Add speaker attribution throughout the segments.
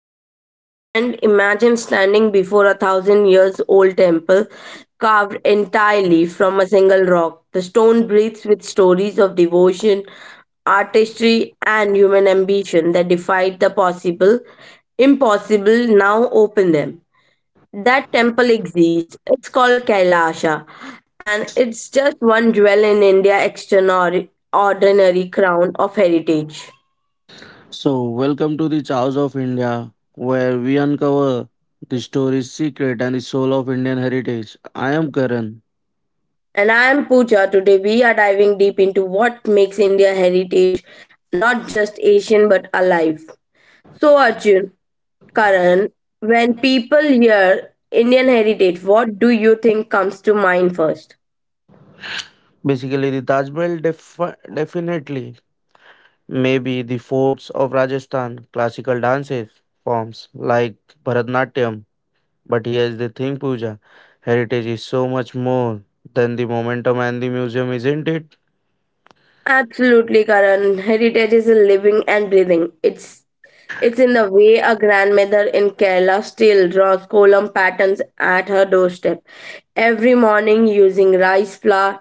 Speaker 1: Eyes for a moment. Imagine standing before a thousand years old temple carved entirely from a single rock. The stone breathes with stories of devotion, artistry, and human ambition that defied the possible. Impossible now open them. That temple exists. It's called Kailasha, and it's just one jewel in India extraordinary crown of heritage.
Speaker 2: So, welcome to the Chows of India, where we uncover the story's secret and the soul of Indian heritage. I am Karan.
Speaker 1: And I am Pooja. Today we are diving deep into what makes India heritage not just Asian but alive. So, Arjun, Karan, when people hear Indian heritage, what do you think comes to mind first?
Speaker 2: Basically, the Taj Mahal definitely, maybe the forts of Rajasthan, classical dances forms like Bharatnatyam. But here's the thing, Pooja, heritage is so much more than the momentum and the museum, isn't it?
Speaker 1: Absolutely, Karan. Heritage is a living and breathing. It's in the way a grandmother in Kerala still draws column patterns at her doorstep every morning using rice flour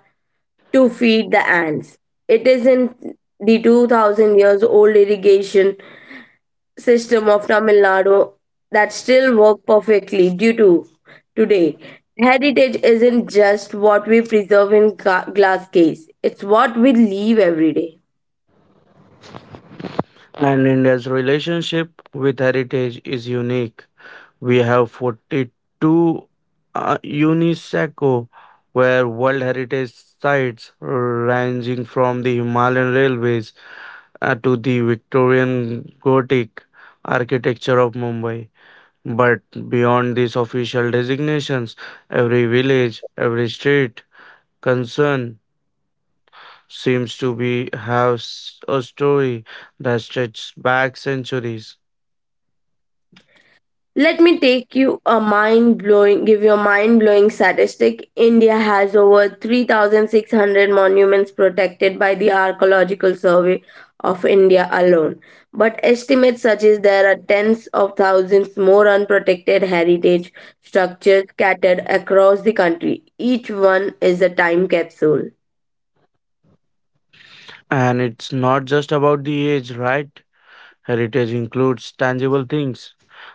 Speaker 1: to feed the ants. It is in the 2000 years old irrigation system of Tamil Nadu that still work perfectly due to today. Heritage isn't just what we preserve in glass case, it's what we leave every day.
Speaker 2: And India's relationship with heritage is unique. We have 42 UNESCO where World Heritage sites ranging from the Himalayan railways to the Victorian Gothic architecture of Mumbai. But beyond these official designations, every village, every street, concern seems to be have a story that stretches back centuries.
Speaker 1: Let me take you a mind blowing, give you a mind blowing statistic. India has over 3,600 monuments protected by the Archaeological Survey of India alone. But estimates suggest there are tens of thousands more unprotected heritage structures scattered across the country. Each one is a time capsule.
Speaker 2: And it's not just about the age, right? Heritage includes tangible things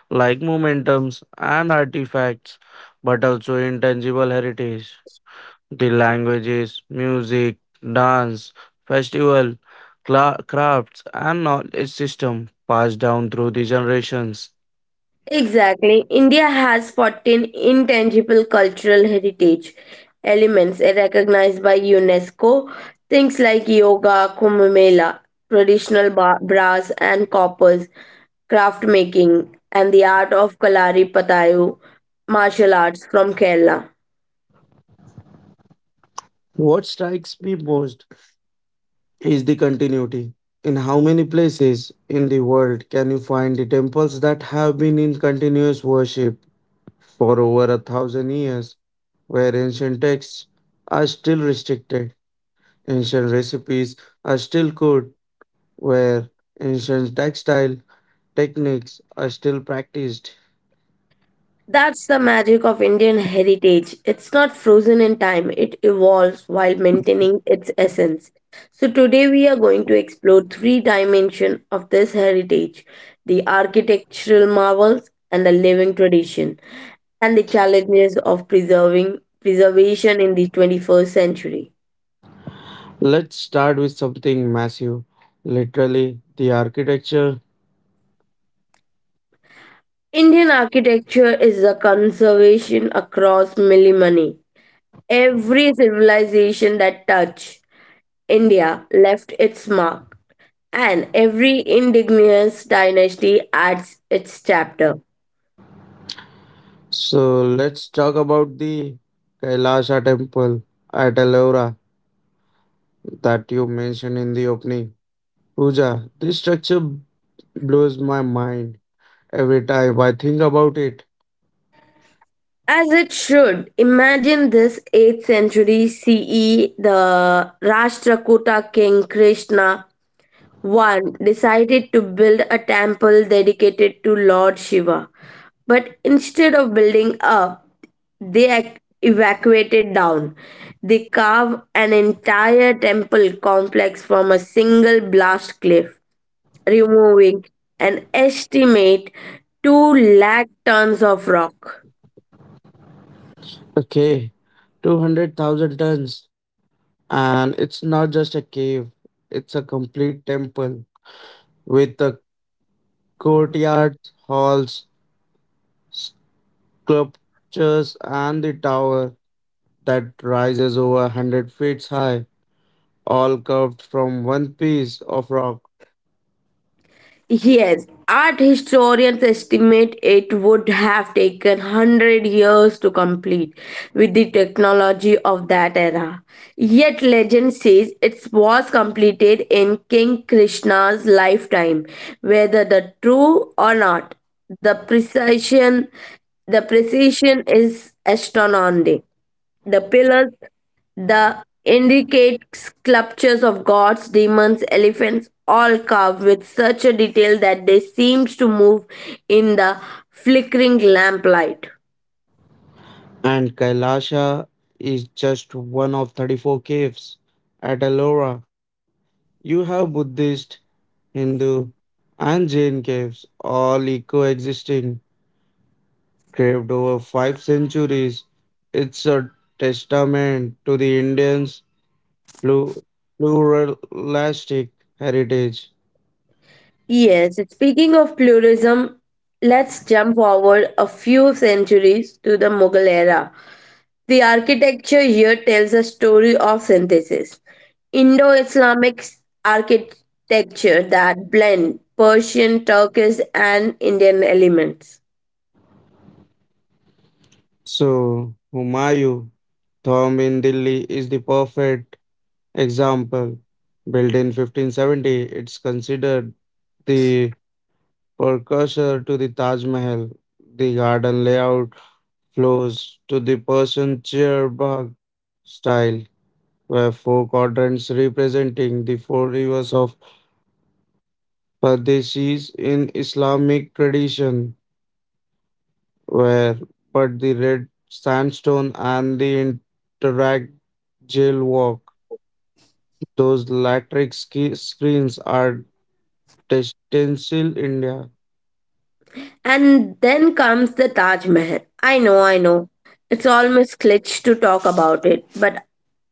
Speaker 2: like momentums and artifacts, but also intangible heritage. The languages, music, dance, festival, crafts, and knowledge system passed down through the generations.
Speaker 1: Exactly. India has 14 intangible cultural heritage elements recognized by UNESCO, things like yoga, Kumbh Mela, traditional brass and coppers, craft making, and the art of Kalari Patayu martial arts from Kerala.
Speaker 2: What strikes me most is the continuity. In how many places in the world can you find the temples that have been in continuous worship for over a thousand years, where ancient texts are still restricted, ancient recipes are still good, where ancient textile techniques are still practiced?
Speaker 1: That's the magic of Indian heritage. It's not frozen in time, it evolves while maintaining its essence. So today we are going to explore three dimensions of this heritage, the architectural marvels and the living tradition, and the challenges of preserving preservation in the 21st century.
Speaker 2: Let's start with something massive, literally the architecture.
Speaker 1: Indian architecture is a conservation across millennia. Every civilization that touched India left its mark and every indigenous dynasty adds its chapter.
Speaker 2: So let's talk about the Kailasha temple at Ellora that you mentioned in the opening. Puja, this structure blows my mind every time I think about it.
Speaker 1: As it should. Imagine this 8th century CE, the Rashtrakuta king Krishna I decided to build a temple dedicated to Lord Shiva. But instead of building up, they evacuated down. They carved an entire temple complex from a single blast cliff, removing an estimate 2 lakh tons of rock.
Speaker 2: Okay, 200,000 tons. And it's not just a cave, it's a complete temple with the courtyards, halls, sculptures, and the tower that rises over 100 feet high, all carved from one piece of rock.
Speaker 1: Yes, art historians estimate it would have taken 100 years to complete with the technology of that era. Yet, legend says it was completed in King Krishna's lifetime. Whether the true or not, the precision, the precision is astounding. The pillars. The intricate sculptures of gods, demons, elephants, all carved with such a detail that they seemed to move in the flickering lamplight.
Speaker 2: And Kailasha is just one of 34 caves. At Ellora, you have Buddhist, Hindu, and Jain caves all coexisting craved over five centuries. It's a testament to the Indians' plu- pluralistic heritage.
Speaker 1: Yes, speaking of pluralism, let's jump forward a few centuries to the Mughal era. The architecture here tells a story of synthesis. Indo Islamic architecture that blend Persian, Turkish, and Indian elements.
Speaker 2: So, Humayun, Thom in Delhi, is the perfect example. Built in 1570, it's considered the precursor to the Taj Mahal. The garden layout flows to the Persian chair bug style, where four quadrants representing the four rivers of Pardesis in Islamic tradition. Where but the red sandstone and the interact jail walk. Those latric screens are stencil India.
Speaker 1: And then comes the Taj Mahal. I know, I know. It's almost glitch to talk about it, but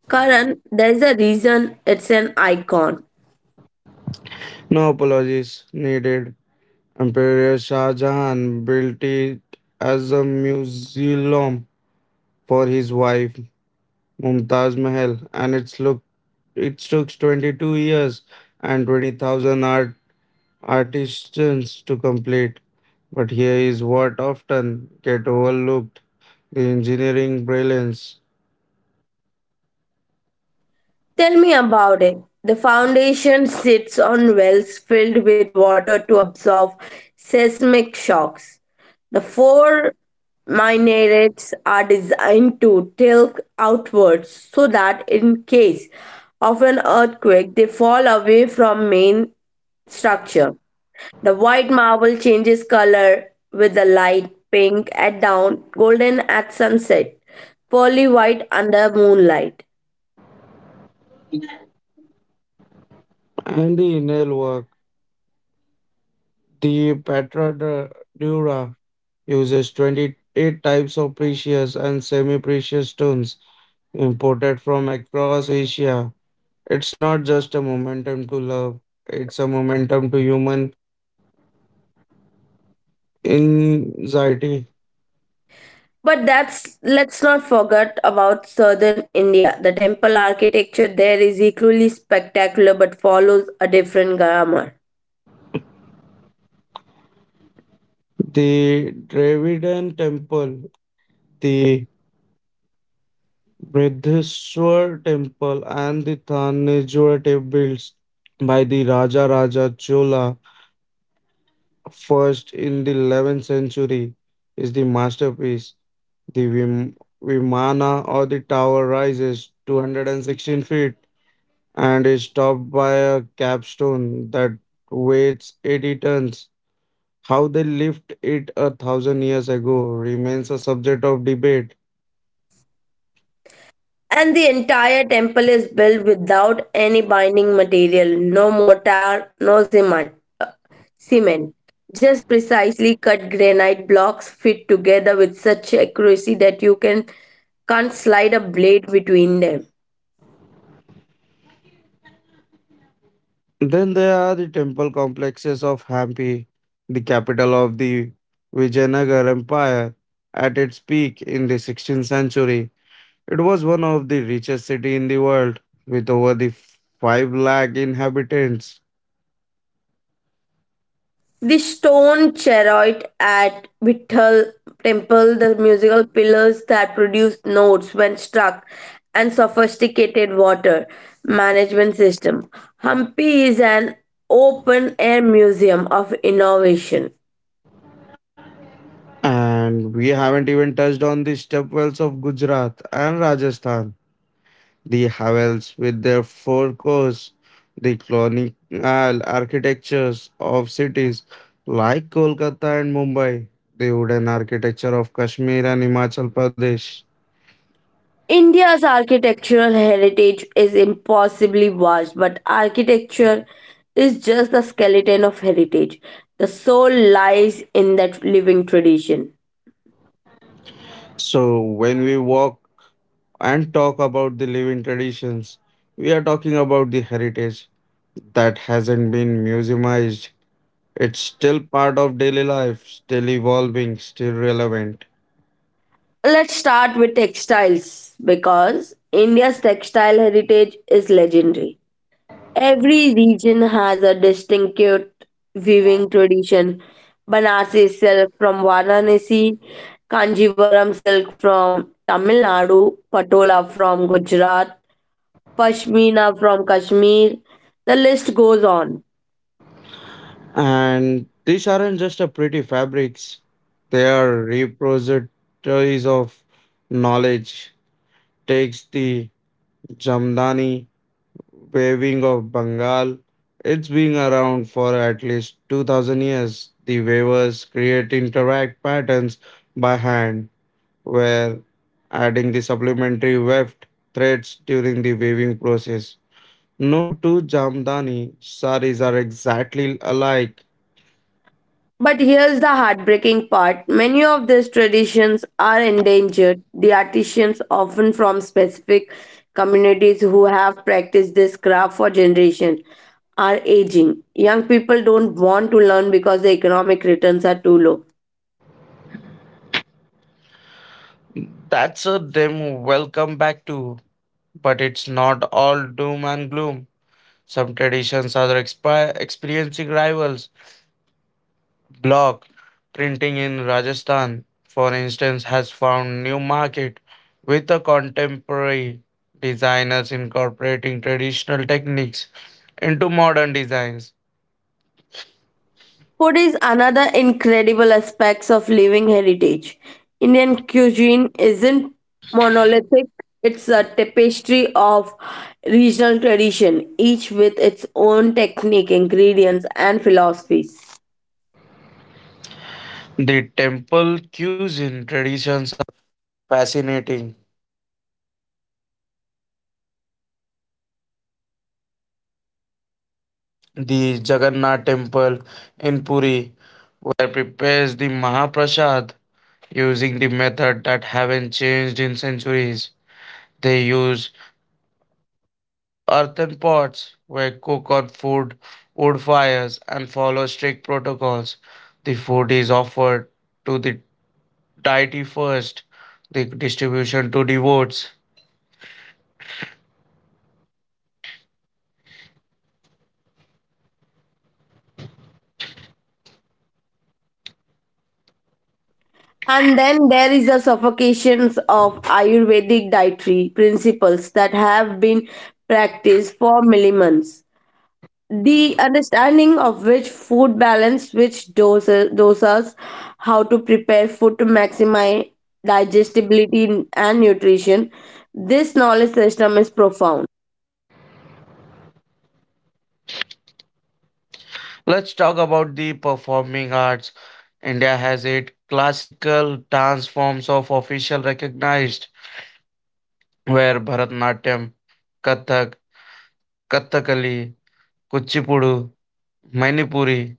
Speaker 1: Karan, there's a reason it's an icon.
Speaker 2: No apologies needed. Emperor Shah Jahan built it as a museum for his wife Mumtaz Mahal, and it's look it took 22 years and 20,000 artisans to complete. But here is what often get overlooked, the engineering brilliance
Speaker 1: Tell me about it. The foundation sits on wells filled with water to absorb seismic shocks. The four minarets are designed to tilt outwards so that in case of an earthquake they fall away from main structure. The white marble changes color with the light pink at dawn, golden at sunset, pearly white under moonlight.
Speaker 2: and the inner work. The Petra Dura uses 28 types of precious and semi precious stones imported from across Asia. It's not just a momentum to love, it's a momentum to human anxiety.
Speaker 1: But that's let's not forget about southern India. The temple architecture there is equally spectacular but follows a different grammar.
Speaker 2: The Dravidian temple, the Bridheshwar temple and the Thanjavur temples by the Raja Raja Chola first in the 11th century is the masterpiece. The Vimana or the tower rises 216 feet and is topped by a capstone that weighs 80 tons. How they lift it a thousand years ago remains a subject of debate.
Speaker 1: And the entire temple is built without any binding material, no mortar, no cement. Cement. Just precisely cut granite blocks fit together with such accuracy that you can can't slide a blade between them.
Speaker 2: Then there are the temple complexes of Hampi, the capital of the Vijayanagar Empire. At its peak in the 16th century, it was one of the richest city in the world with over the 5 lakh inhabitants.
Speaker 1: The stone chariot at Vithal temple, the musical pillars that produce notes when struck, and sophisticated water management system. Hampi is an open air museum of innovation.
Speaker 2: And we haven't even touched on the stepwells of Gujarat and Rajasthan. The Havels, with their four cores, the colonial architectures of cities like Kolkata and Mumbai, the wooden architecture of Kashmir and Himachal Pradesh.
Speaker 1: India's architectural heritage is impossibly vast, but architecture is just the skeleton of heritage. The soul lies in that living tradition.
Speaker 2: So, when we walk and talk about the living traditions, we are talking about the heritage that hasn't been museumized. It's still part of daily life, still evolving, still relevant.
Speaker 1: Let's start with textiles because India's textile heritage is legendary. Every region has a distinctive weaving tradition. Banarsi silk from Varanasi, Kanjivaram silk from Tamil Nadu, Patola from Gujarat, pashmina from Kashmir. The list goes on.
Speaker 2: And these aren't just a pretty fabrics, they are repositories of knowledge. Takes the Jamdani waving of Bengal. It's been around for at least 2000 years. The weavers create interact patterns by hand, where adding the supplementary weft threads during the weaving process. No two Jamdani saris are exactly alike.
Speaker 1: But here's the heartbreaking part many of these traditions are endangered. The artisans, often from specific communities who have practiced this craft for generations, are aging. Young people don't want to learn because the economic returns are too low.
Speaker 2: That's a them welcome back to. But it's not all doom and gloom. Some traditions are experiencing rivals. Block printing in Rajasthan, for instance, has found new market with the contemporary designers incorporating traditional techniques into modern designs.
Speaker 1: Food is another incredible aspect of living heritage. Indian cuisine isn't monolithic, it's a tapestry of regional tradition, each with its own technique, ingredients, and philosophies.
Speaker 2: The temple using the method that haven't changed in centuries. They use earthen pots where cook on food, wood fires, and follow strict protocols. The food is offered to the deity first, the distribution to devotees.
Speaker 1: And then there is the suffocations of Ayurvedic dietary principles that have been practiced for millennia. The understanding of which food balance which doses dosas, how to prepare food to maximize digestibility and nutrition, this knowledge system is profound.
Speaker 2: Let's talk about the performing arts. India has eight classical dance forms of official recognized, where Bharatanatyam, Kathak, Kathakali, Kuchipudu, Manipuri,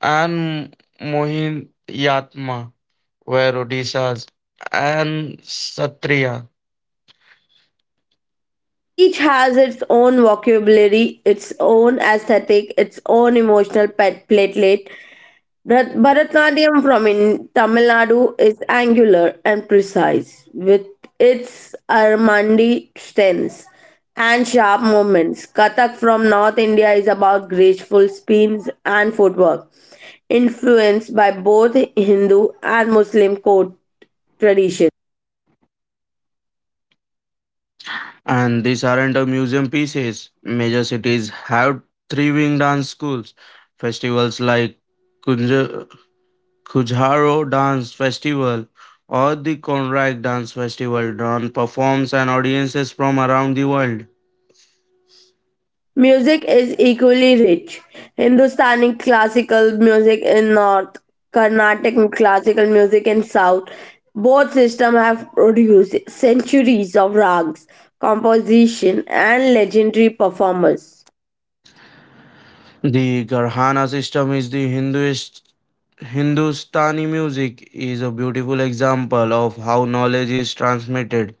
Speaker 2: and Mohin Yatma were Odisha's and Satriya.
Speaker 1: Each has its own vocabulary, its own aesthetic, its own emotional pet platelet. Bharatanatyam from in Tamil Nadu is angular and precise, with its Armandi stems and sharp movements. Kathak from North India is about graceful spins and footwork, influenced by both Hindu and Muslim court traditions.
Speaker 2: And these aren't a museum pieces. Major cities have thriving dance schools. Festivals like Kunja- Kujharo Dance Festival or the Konrak Dance Festival drawn performs and audiences from around the world.
Speaker 1: Music is equally rich. Hindustani classical music in north, Carnatic classical music in south. Both systems have produced centuries of rags, composition, and legendary performers.
Speaker 2: The Garhana system is the Hinduist Hindustani music is a beautiful example of how knowledge is transmitted.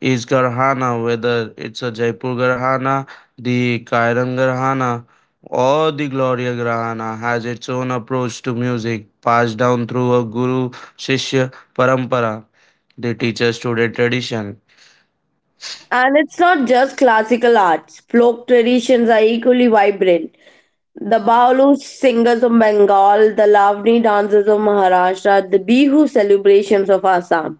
Speaker 2: Is Garhana, whether it's a Jaipur Garhana, the Kairan Garhana, or the Gloria Garhana, has its own approach to music passed down through a Guru Shishya Parampara, the teacher student tradition.
Speaker 1: And it's not just classical arts. Folk traditions are equally vibrant. The Baulu singers of Bengal, the Lavani dancers of Maharashtra, the Bihu celebrations of Assam,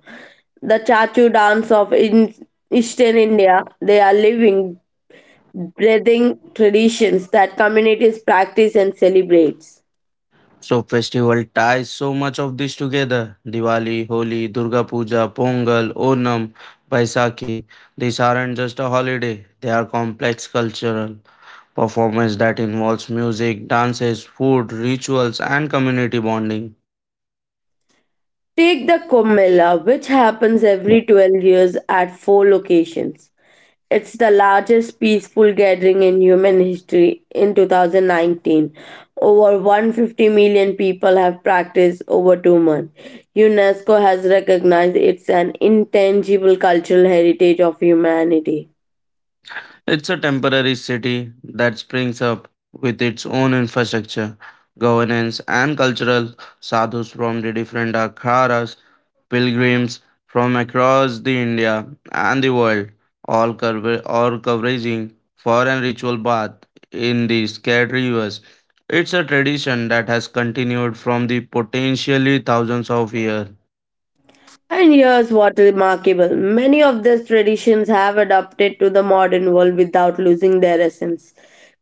Speaker 1: the Chachu dance of in Eastern India. They are living, breathing traditions that communities practice and celebrates.
Speaker 2: So festival ties so much of this together. Diwali, Holi, Durga Puja, Pongal, Onam, Baisakhi. These aren't just a holiday. They are complex cultural performance that involves music, dances, food, rituals and community bonding.
Speaker 1: Take the Kumbh Mela, which happens every 12 years at four locations. It's the largest peaceful gathering in human history in 2019. Over 150 million people have practiced over 2 months. UNESCO has recognized it's an intangible cultural heritage of humanity.
Speaker 2: It's a temporary city that springs up with its own infrastructure, governance, and cultural sadhus from the different akharas pilgrims from across the India and the world, all covering foreign ritual bath in the scared rivers. It's a tradition that has continued from the potentially thousands of years.
Speaker 1: And here's what is remarkable many of these traditions have adapted to the modern world without losing their essence.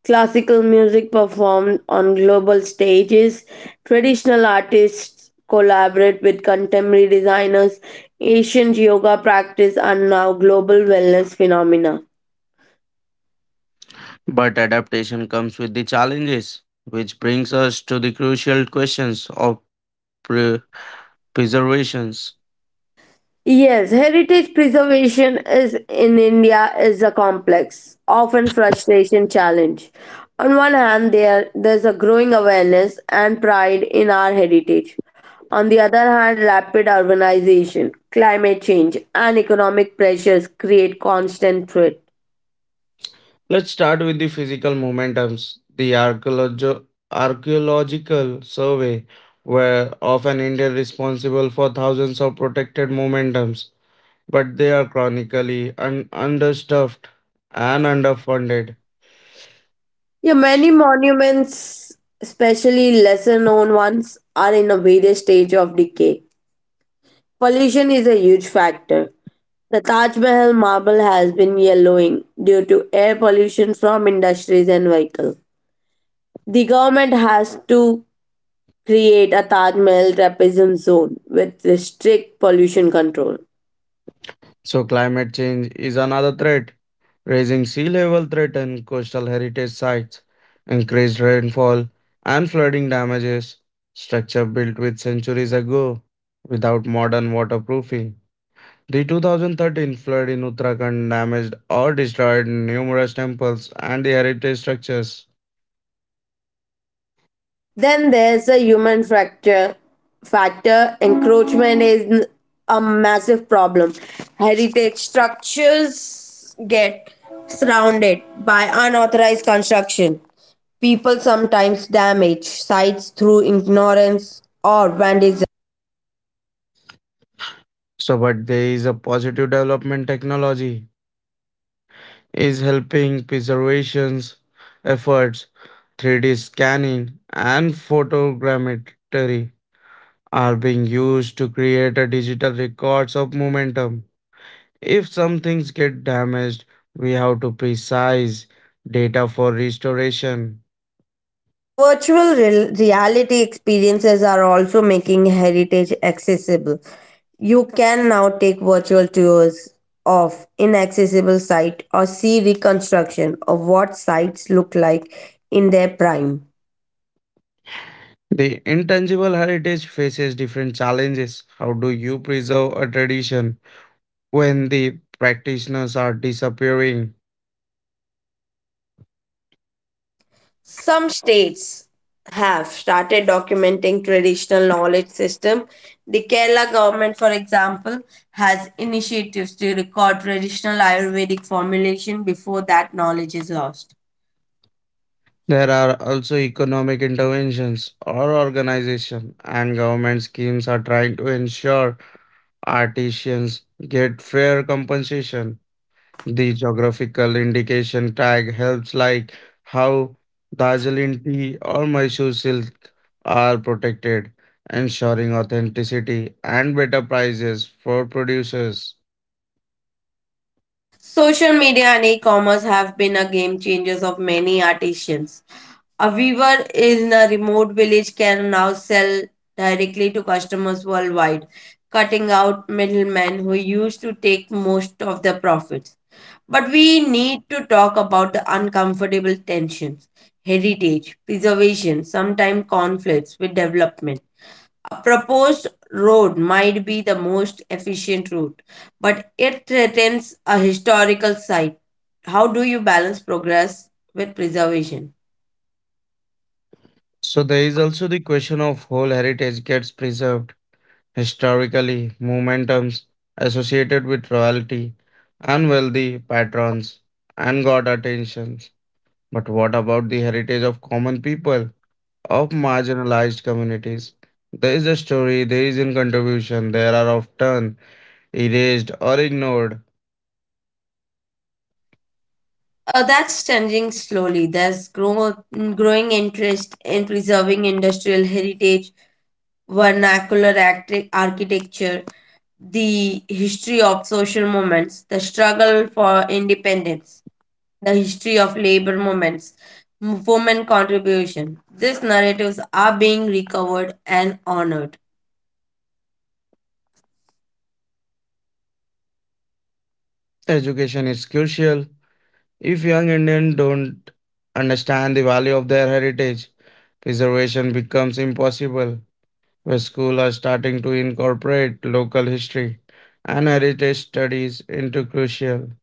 Speaker 1: Classical music performed on global stages, traditional artists collaborate with contemporary designers, ancient yoga practice are now global wellness phenomena.
Speaker 2: But adaptation comes with the challenges, which brings us to the crucial questions of pre- preservations.
Speaker 1: Yes, heritage preservation is in India is a complex, often frustration challenge. On one hand, there's a growing awareness and pride in our heritage. On the other hand, rapid urbanization, climate change, and economic pressures create constant threat.
Speaker 2: Let's start with the physical momentums. The archaeological survey were often India responsible for thousands of protected momentums, but they are chronically understuffed and underfunded.
Speaker 1: Yeah, many monuments, especially lesser known ones, are in a various stage of decay. Pollution is a huge factor. The Taj Mahal marble has been yellowing due to air pollution from industries and vehicles. The government has to create a Taj Mahal trapezium zone with strict pollution control.
Speaker 2: So climate change is another threat. Raising sea level threaten coastal heritage sites, increased rainfall and flooding damages structure built with centuries ago without modern waterproofing. The 2013 flood in Uttarakhand damaged or destroyed numerous temples and the heritage structures.
Speaker 1: Then there's the human factor. Factor encroachment is a massive problem. Heritage structures get surrounded by unauthorized construction. People sometimes damage sites through ignorance or vandalism.
Speaker 2: So, but there is a positive development technology is helping preservations efforts, 3D scanning and photogrammetry are being used to create a digital records of momentum. If some things get damaged, we have to precise data for restoration.
Speaker 1: Virtual reality experiences are also making heritage accessible. You can now take virtual tours of inaccessible sites or see reconstruction of what sites look like in their prime.
Speaker 2: The intangible heritage faces different challenges. How do you preserve a tradition when the practitioners are disappearing?
Speaker 1: Some states have started documenting traditional knowledge system. The Kerala government, for example, has initiatives to record traditional Ayurvedic formulation before that knowledge is lost.
Speaker 2: There are also economic interventions or organization and government schemes are trying to ensure artisans get fair compensation. The geographical indication tag helps, like how Darjeeling tea or Mysore silk are protected, ensuring authenticity and better prices for producers.
Speaker 1: Social media and e-commerce have been a game changers of many artisans. A weaver in a remote village can now sell directly to customers worldwide, cutting out middlemen who used to take most of the profits. But we need to talk about the uncomfortable tensions, heritage, preservation, sometimes conflicts with development. A proposed road might be the most efficient route, but it threatens a historical site. How do you balance progress with preservation?
Speaker 2: So, there is also the question of whole heritage gets preserved historically, momentums associated with royalty and wealthy patrons and god attentions. But what about the heritage of common people? Of marginalized communities. There is a story, there is a contribution, there are often erased or ignored.
Speaker 1: That's changing slowly. There's growing interest in preserving industrial heritage, vernacular architecture, the history of social movements, the struggle for independence, the history of labor movements, women contribution. These narratives are being recovered and honored.
Speaker 2: Education is crucial. If young Indians don't understand the value of their heritage, preservation becomes impossible. Where schools are starting to incorporate local history and heritage studies into crucial.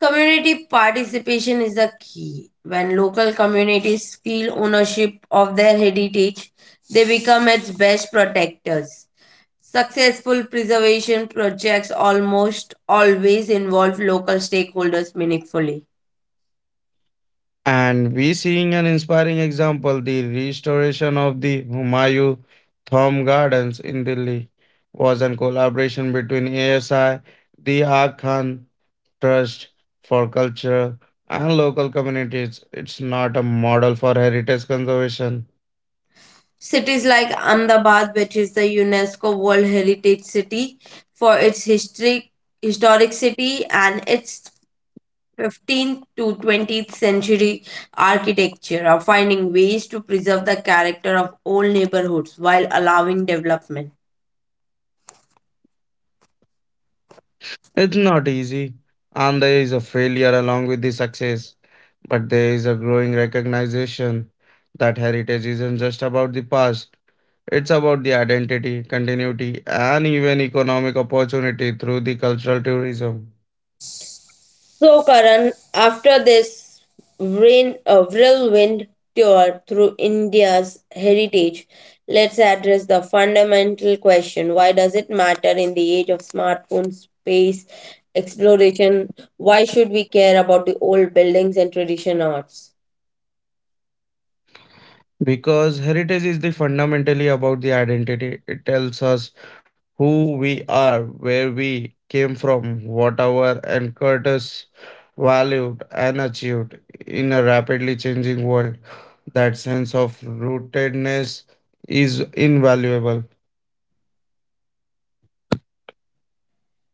Speaker 1: Community participation is the key. When local communities feel ownership of their heritage, they become its best protectors. Successful preservation projects almost always involve local stakeholders meaningfully.
Speaker 2: And we seeing an inspiring example, the restoration of the Humayu Thom Gardens in Delhi was a collaboration between ASI, the Aga Khan Trust for Culture, and local communities. It's not a model for heritage conservation.
Speaker 1: Cities like Ahmedabad, which is the UNESCO World Heritage City for its history, historic city and its 15th to 20th century architecture are finding ways to preserve the character of old neighborhoods while allowing development.
Speaker 2: It's not easy, and there is a failure along with the success, but there is a growing recognition that heritage isn't just about the past, it's about the identity, continuity, and even economic opportunity through the cultural tourism.
Speaker 1: So, Karan, after this whirlwind tour through India's heritage, let's address the fundamental question why does it matter in the age of smartphones, space exploration? Why should we care about the old buildings and tradition arts?
Speaker 2: Because heritage is the fundamentally about the identity, it tells us who we are, where we came from, what our anchors valued and achieved in a rapidly changing world. That sense of rootedness is invaluable.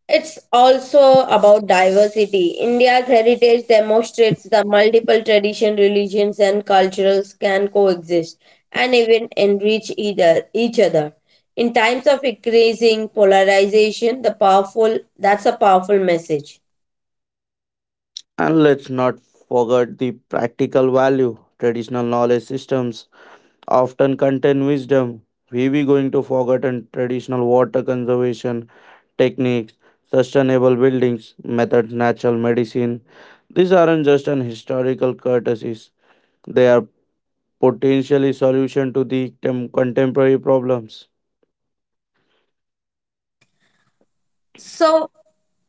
Speaker 1: It's also about diversity. India's heritage demonstrates that multiple traditions, religions, and cultures can coexist and even enrich each other. In times of increasing polarization, the powerful that's a powerful message.
Speaker 2: And let's not forget the practical value. Traditional knowledge systems often contain wisdom. We going to forget and traditional water conservation techniques, sustainable buildings, methods, natural medicine. These aren't just an historical courtesies. They are potentially solution to the contemporary problems.
Speaker 1: So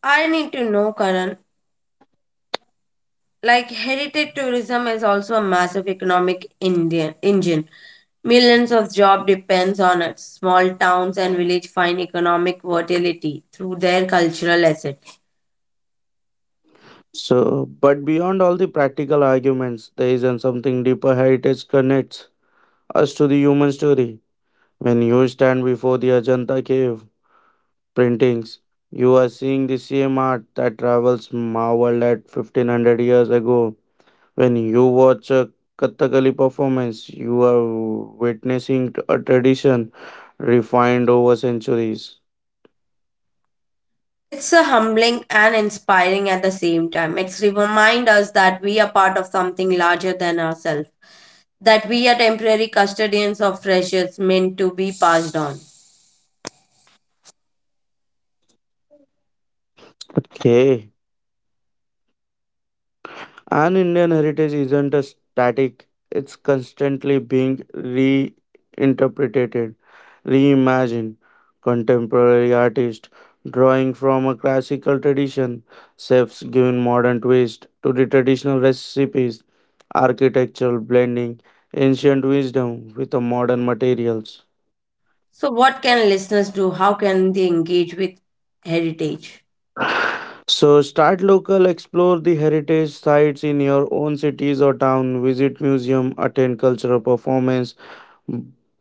Speaker 1: I need to know, Karan, like heritage tourism is also a massive economic Indian engine. Millions of job depends on it. Small towns and village find economic vitality through their cultural asset.
Speaker 2: So, but beyond all the practical arguments, there isn't something deeper heritage connects us to the human story. When you stand before the Ajanta cave printings, you are seeing the same art that travels marveled at 1500 years ago. When you watch a Kathakali performance, you are witnessing a tradition refined over centuries.
Speaker 1: It's a humbling and inspiring at the same time. It's remind us that we are part of something larger than ourselves, that we are temporary custodians of treasures meant to be passed on.
Speaker 2: Okay. And Indian heritage isn't a static, it's constantly being reinterpreted, reimagined. Contemporary artists drawing from a classical tradition, chefs giving modern twist to the traditional recipes, architectural blending ancient wisdom with the modern materials.
Speaker 1: So, what can listeners do? How can they engage with heritage?
Speaker 2: So start local, explore the heritage sites in your own cities or town, visit museum, attend cultural performance,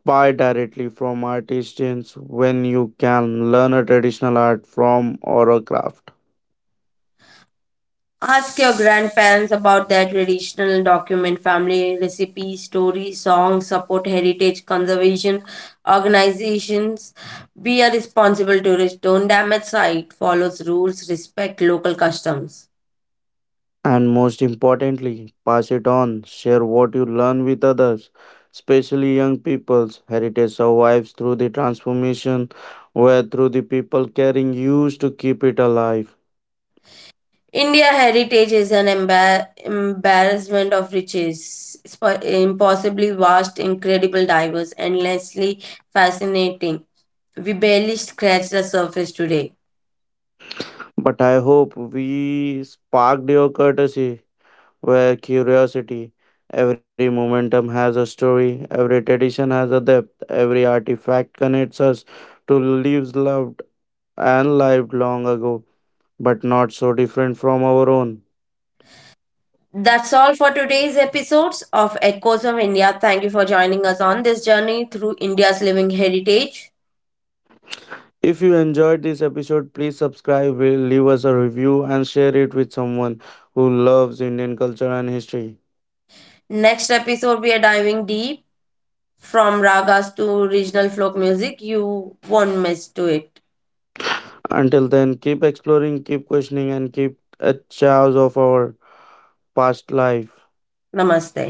Speaker 2: buy directly from artisans when you can, learn a traditional art from or a craft.
Speaker 1: Ask your grandparents about their traditional document, family recipes, stories, songs, support heritage conservation organizations. Be a responsible tourist. Don't damage site. Follows rules. Respect local customs.
Speaker 2: And most importantly, pass it on, share what you learn with others, especially young people's heritage survives through the transformation where through the people caring used to keep it alive.
Speaker 1: India heritage is an embarrassment of riches. It's impossibly vast, incredible, diverse, endlessly fascinating. We barely scratched the surface today.
Speaker 2: But I hope we sparked your courtesy, where curiosity. Every momentum has a story, every tradition has a depth, every artifact connects us to lives loved and lived long ago, but not so different from our own.
Speaker 1: That's all for today's episodes of Echoes of India. Thank you for joining us on this journey through India's living heritage.
Speaker 2: If you enjoyed this episode, please subscribe, will leave us a review, and share it with someone who loves Indian culture and history.
Speaker 1: Next episode, we are diving deep from ragas to regional folk music. You won't miss to it.
Speaker 2: Until then, keep exploring, keep questioning, and keep a chance of our past life.
Speaker 1: Namaste.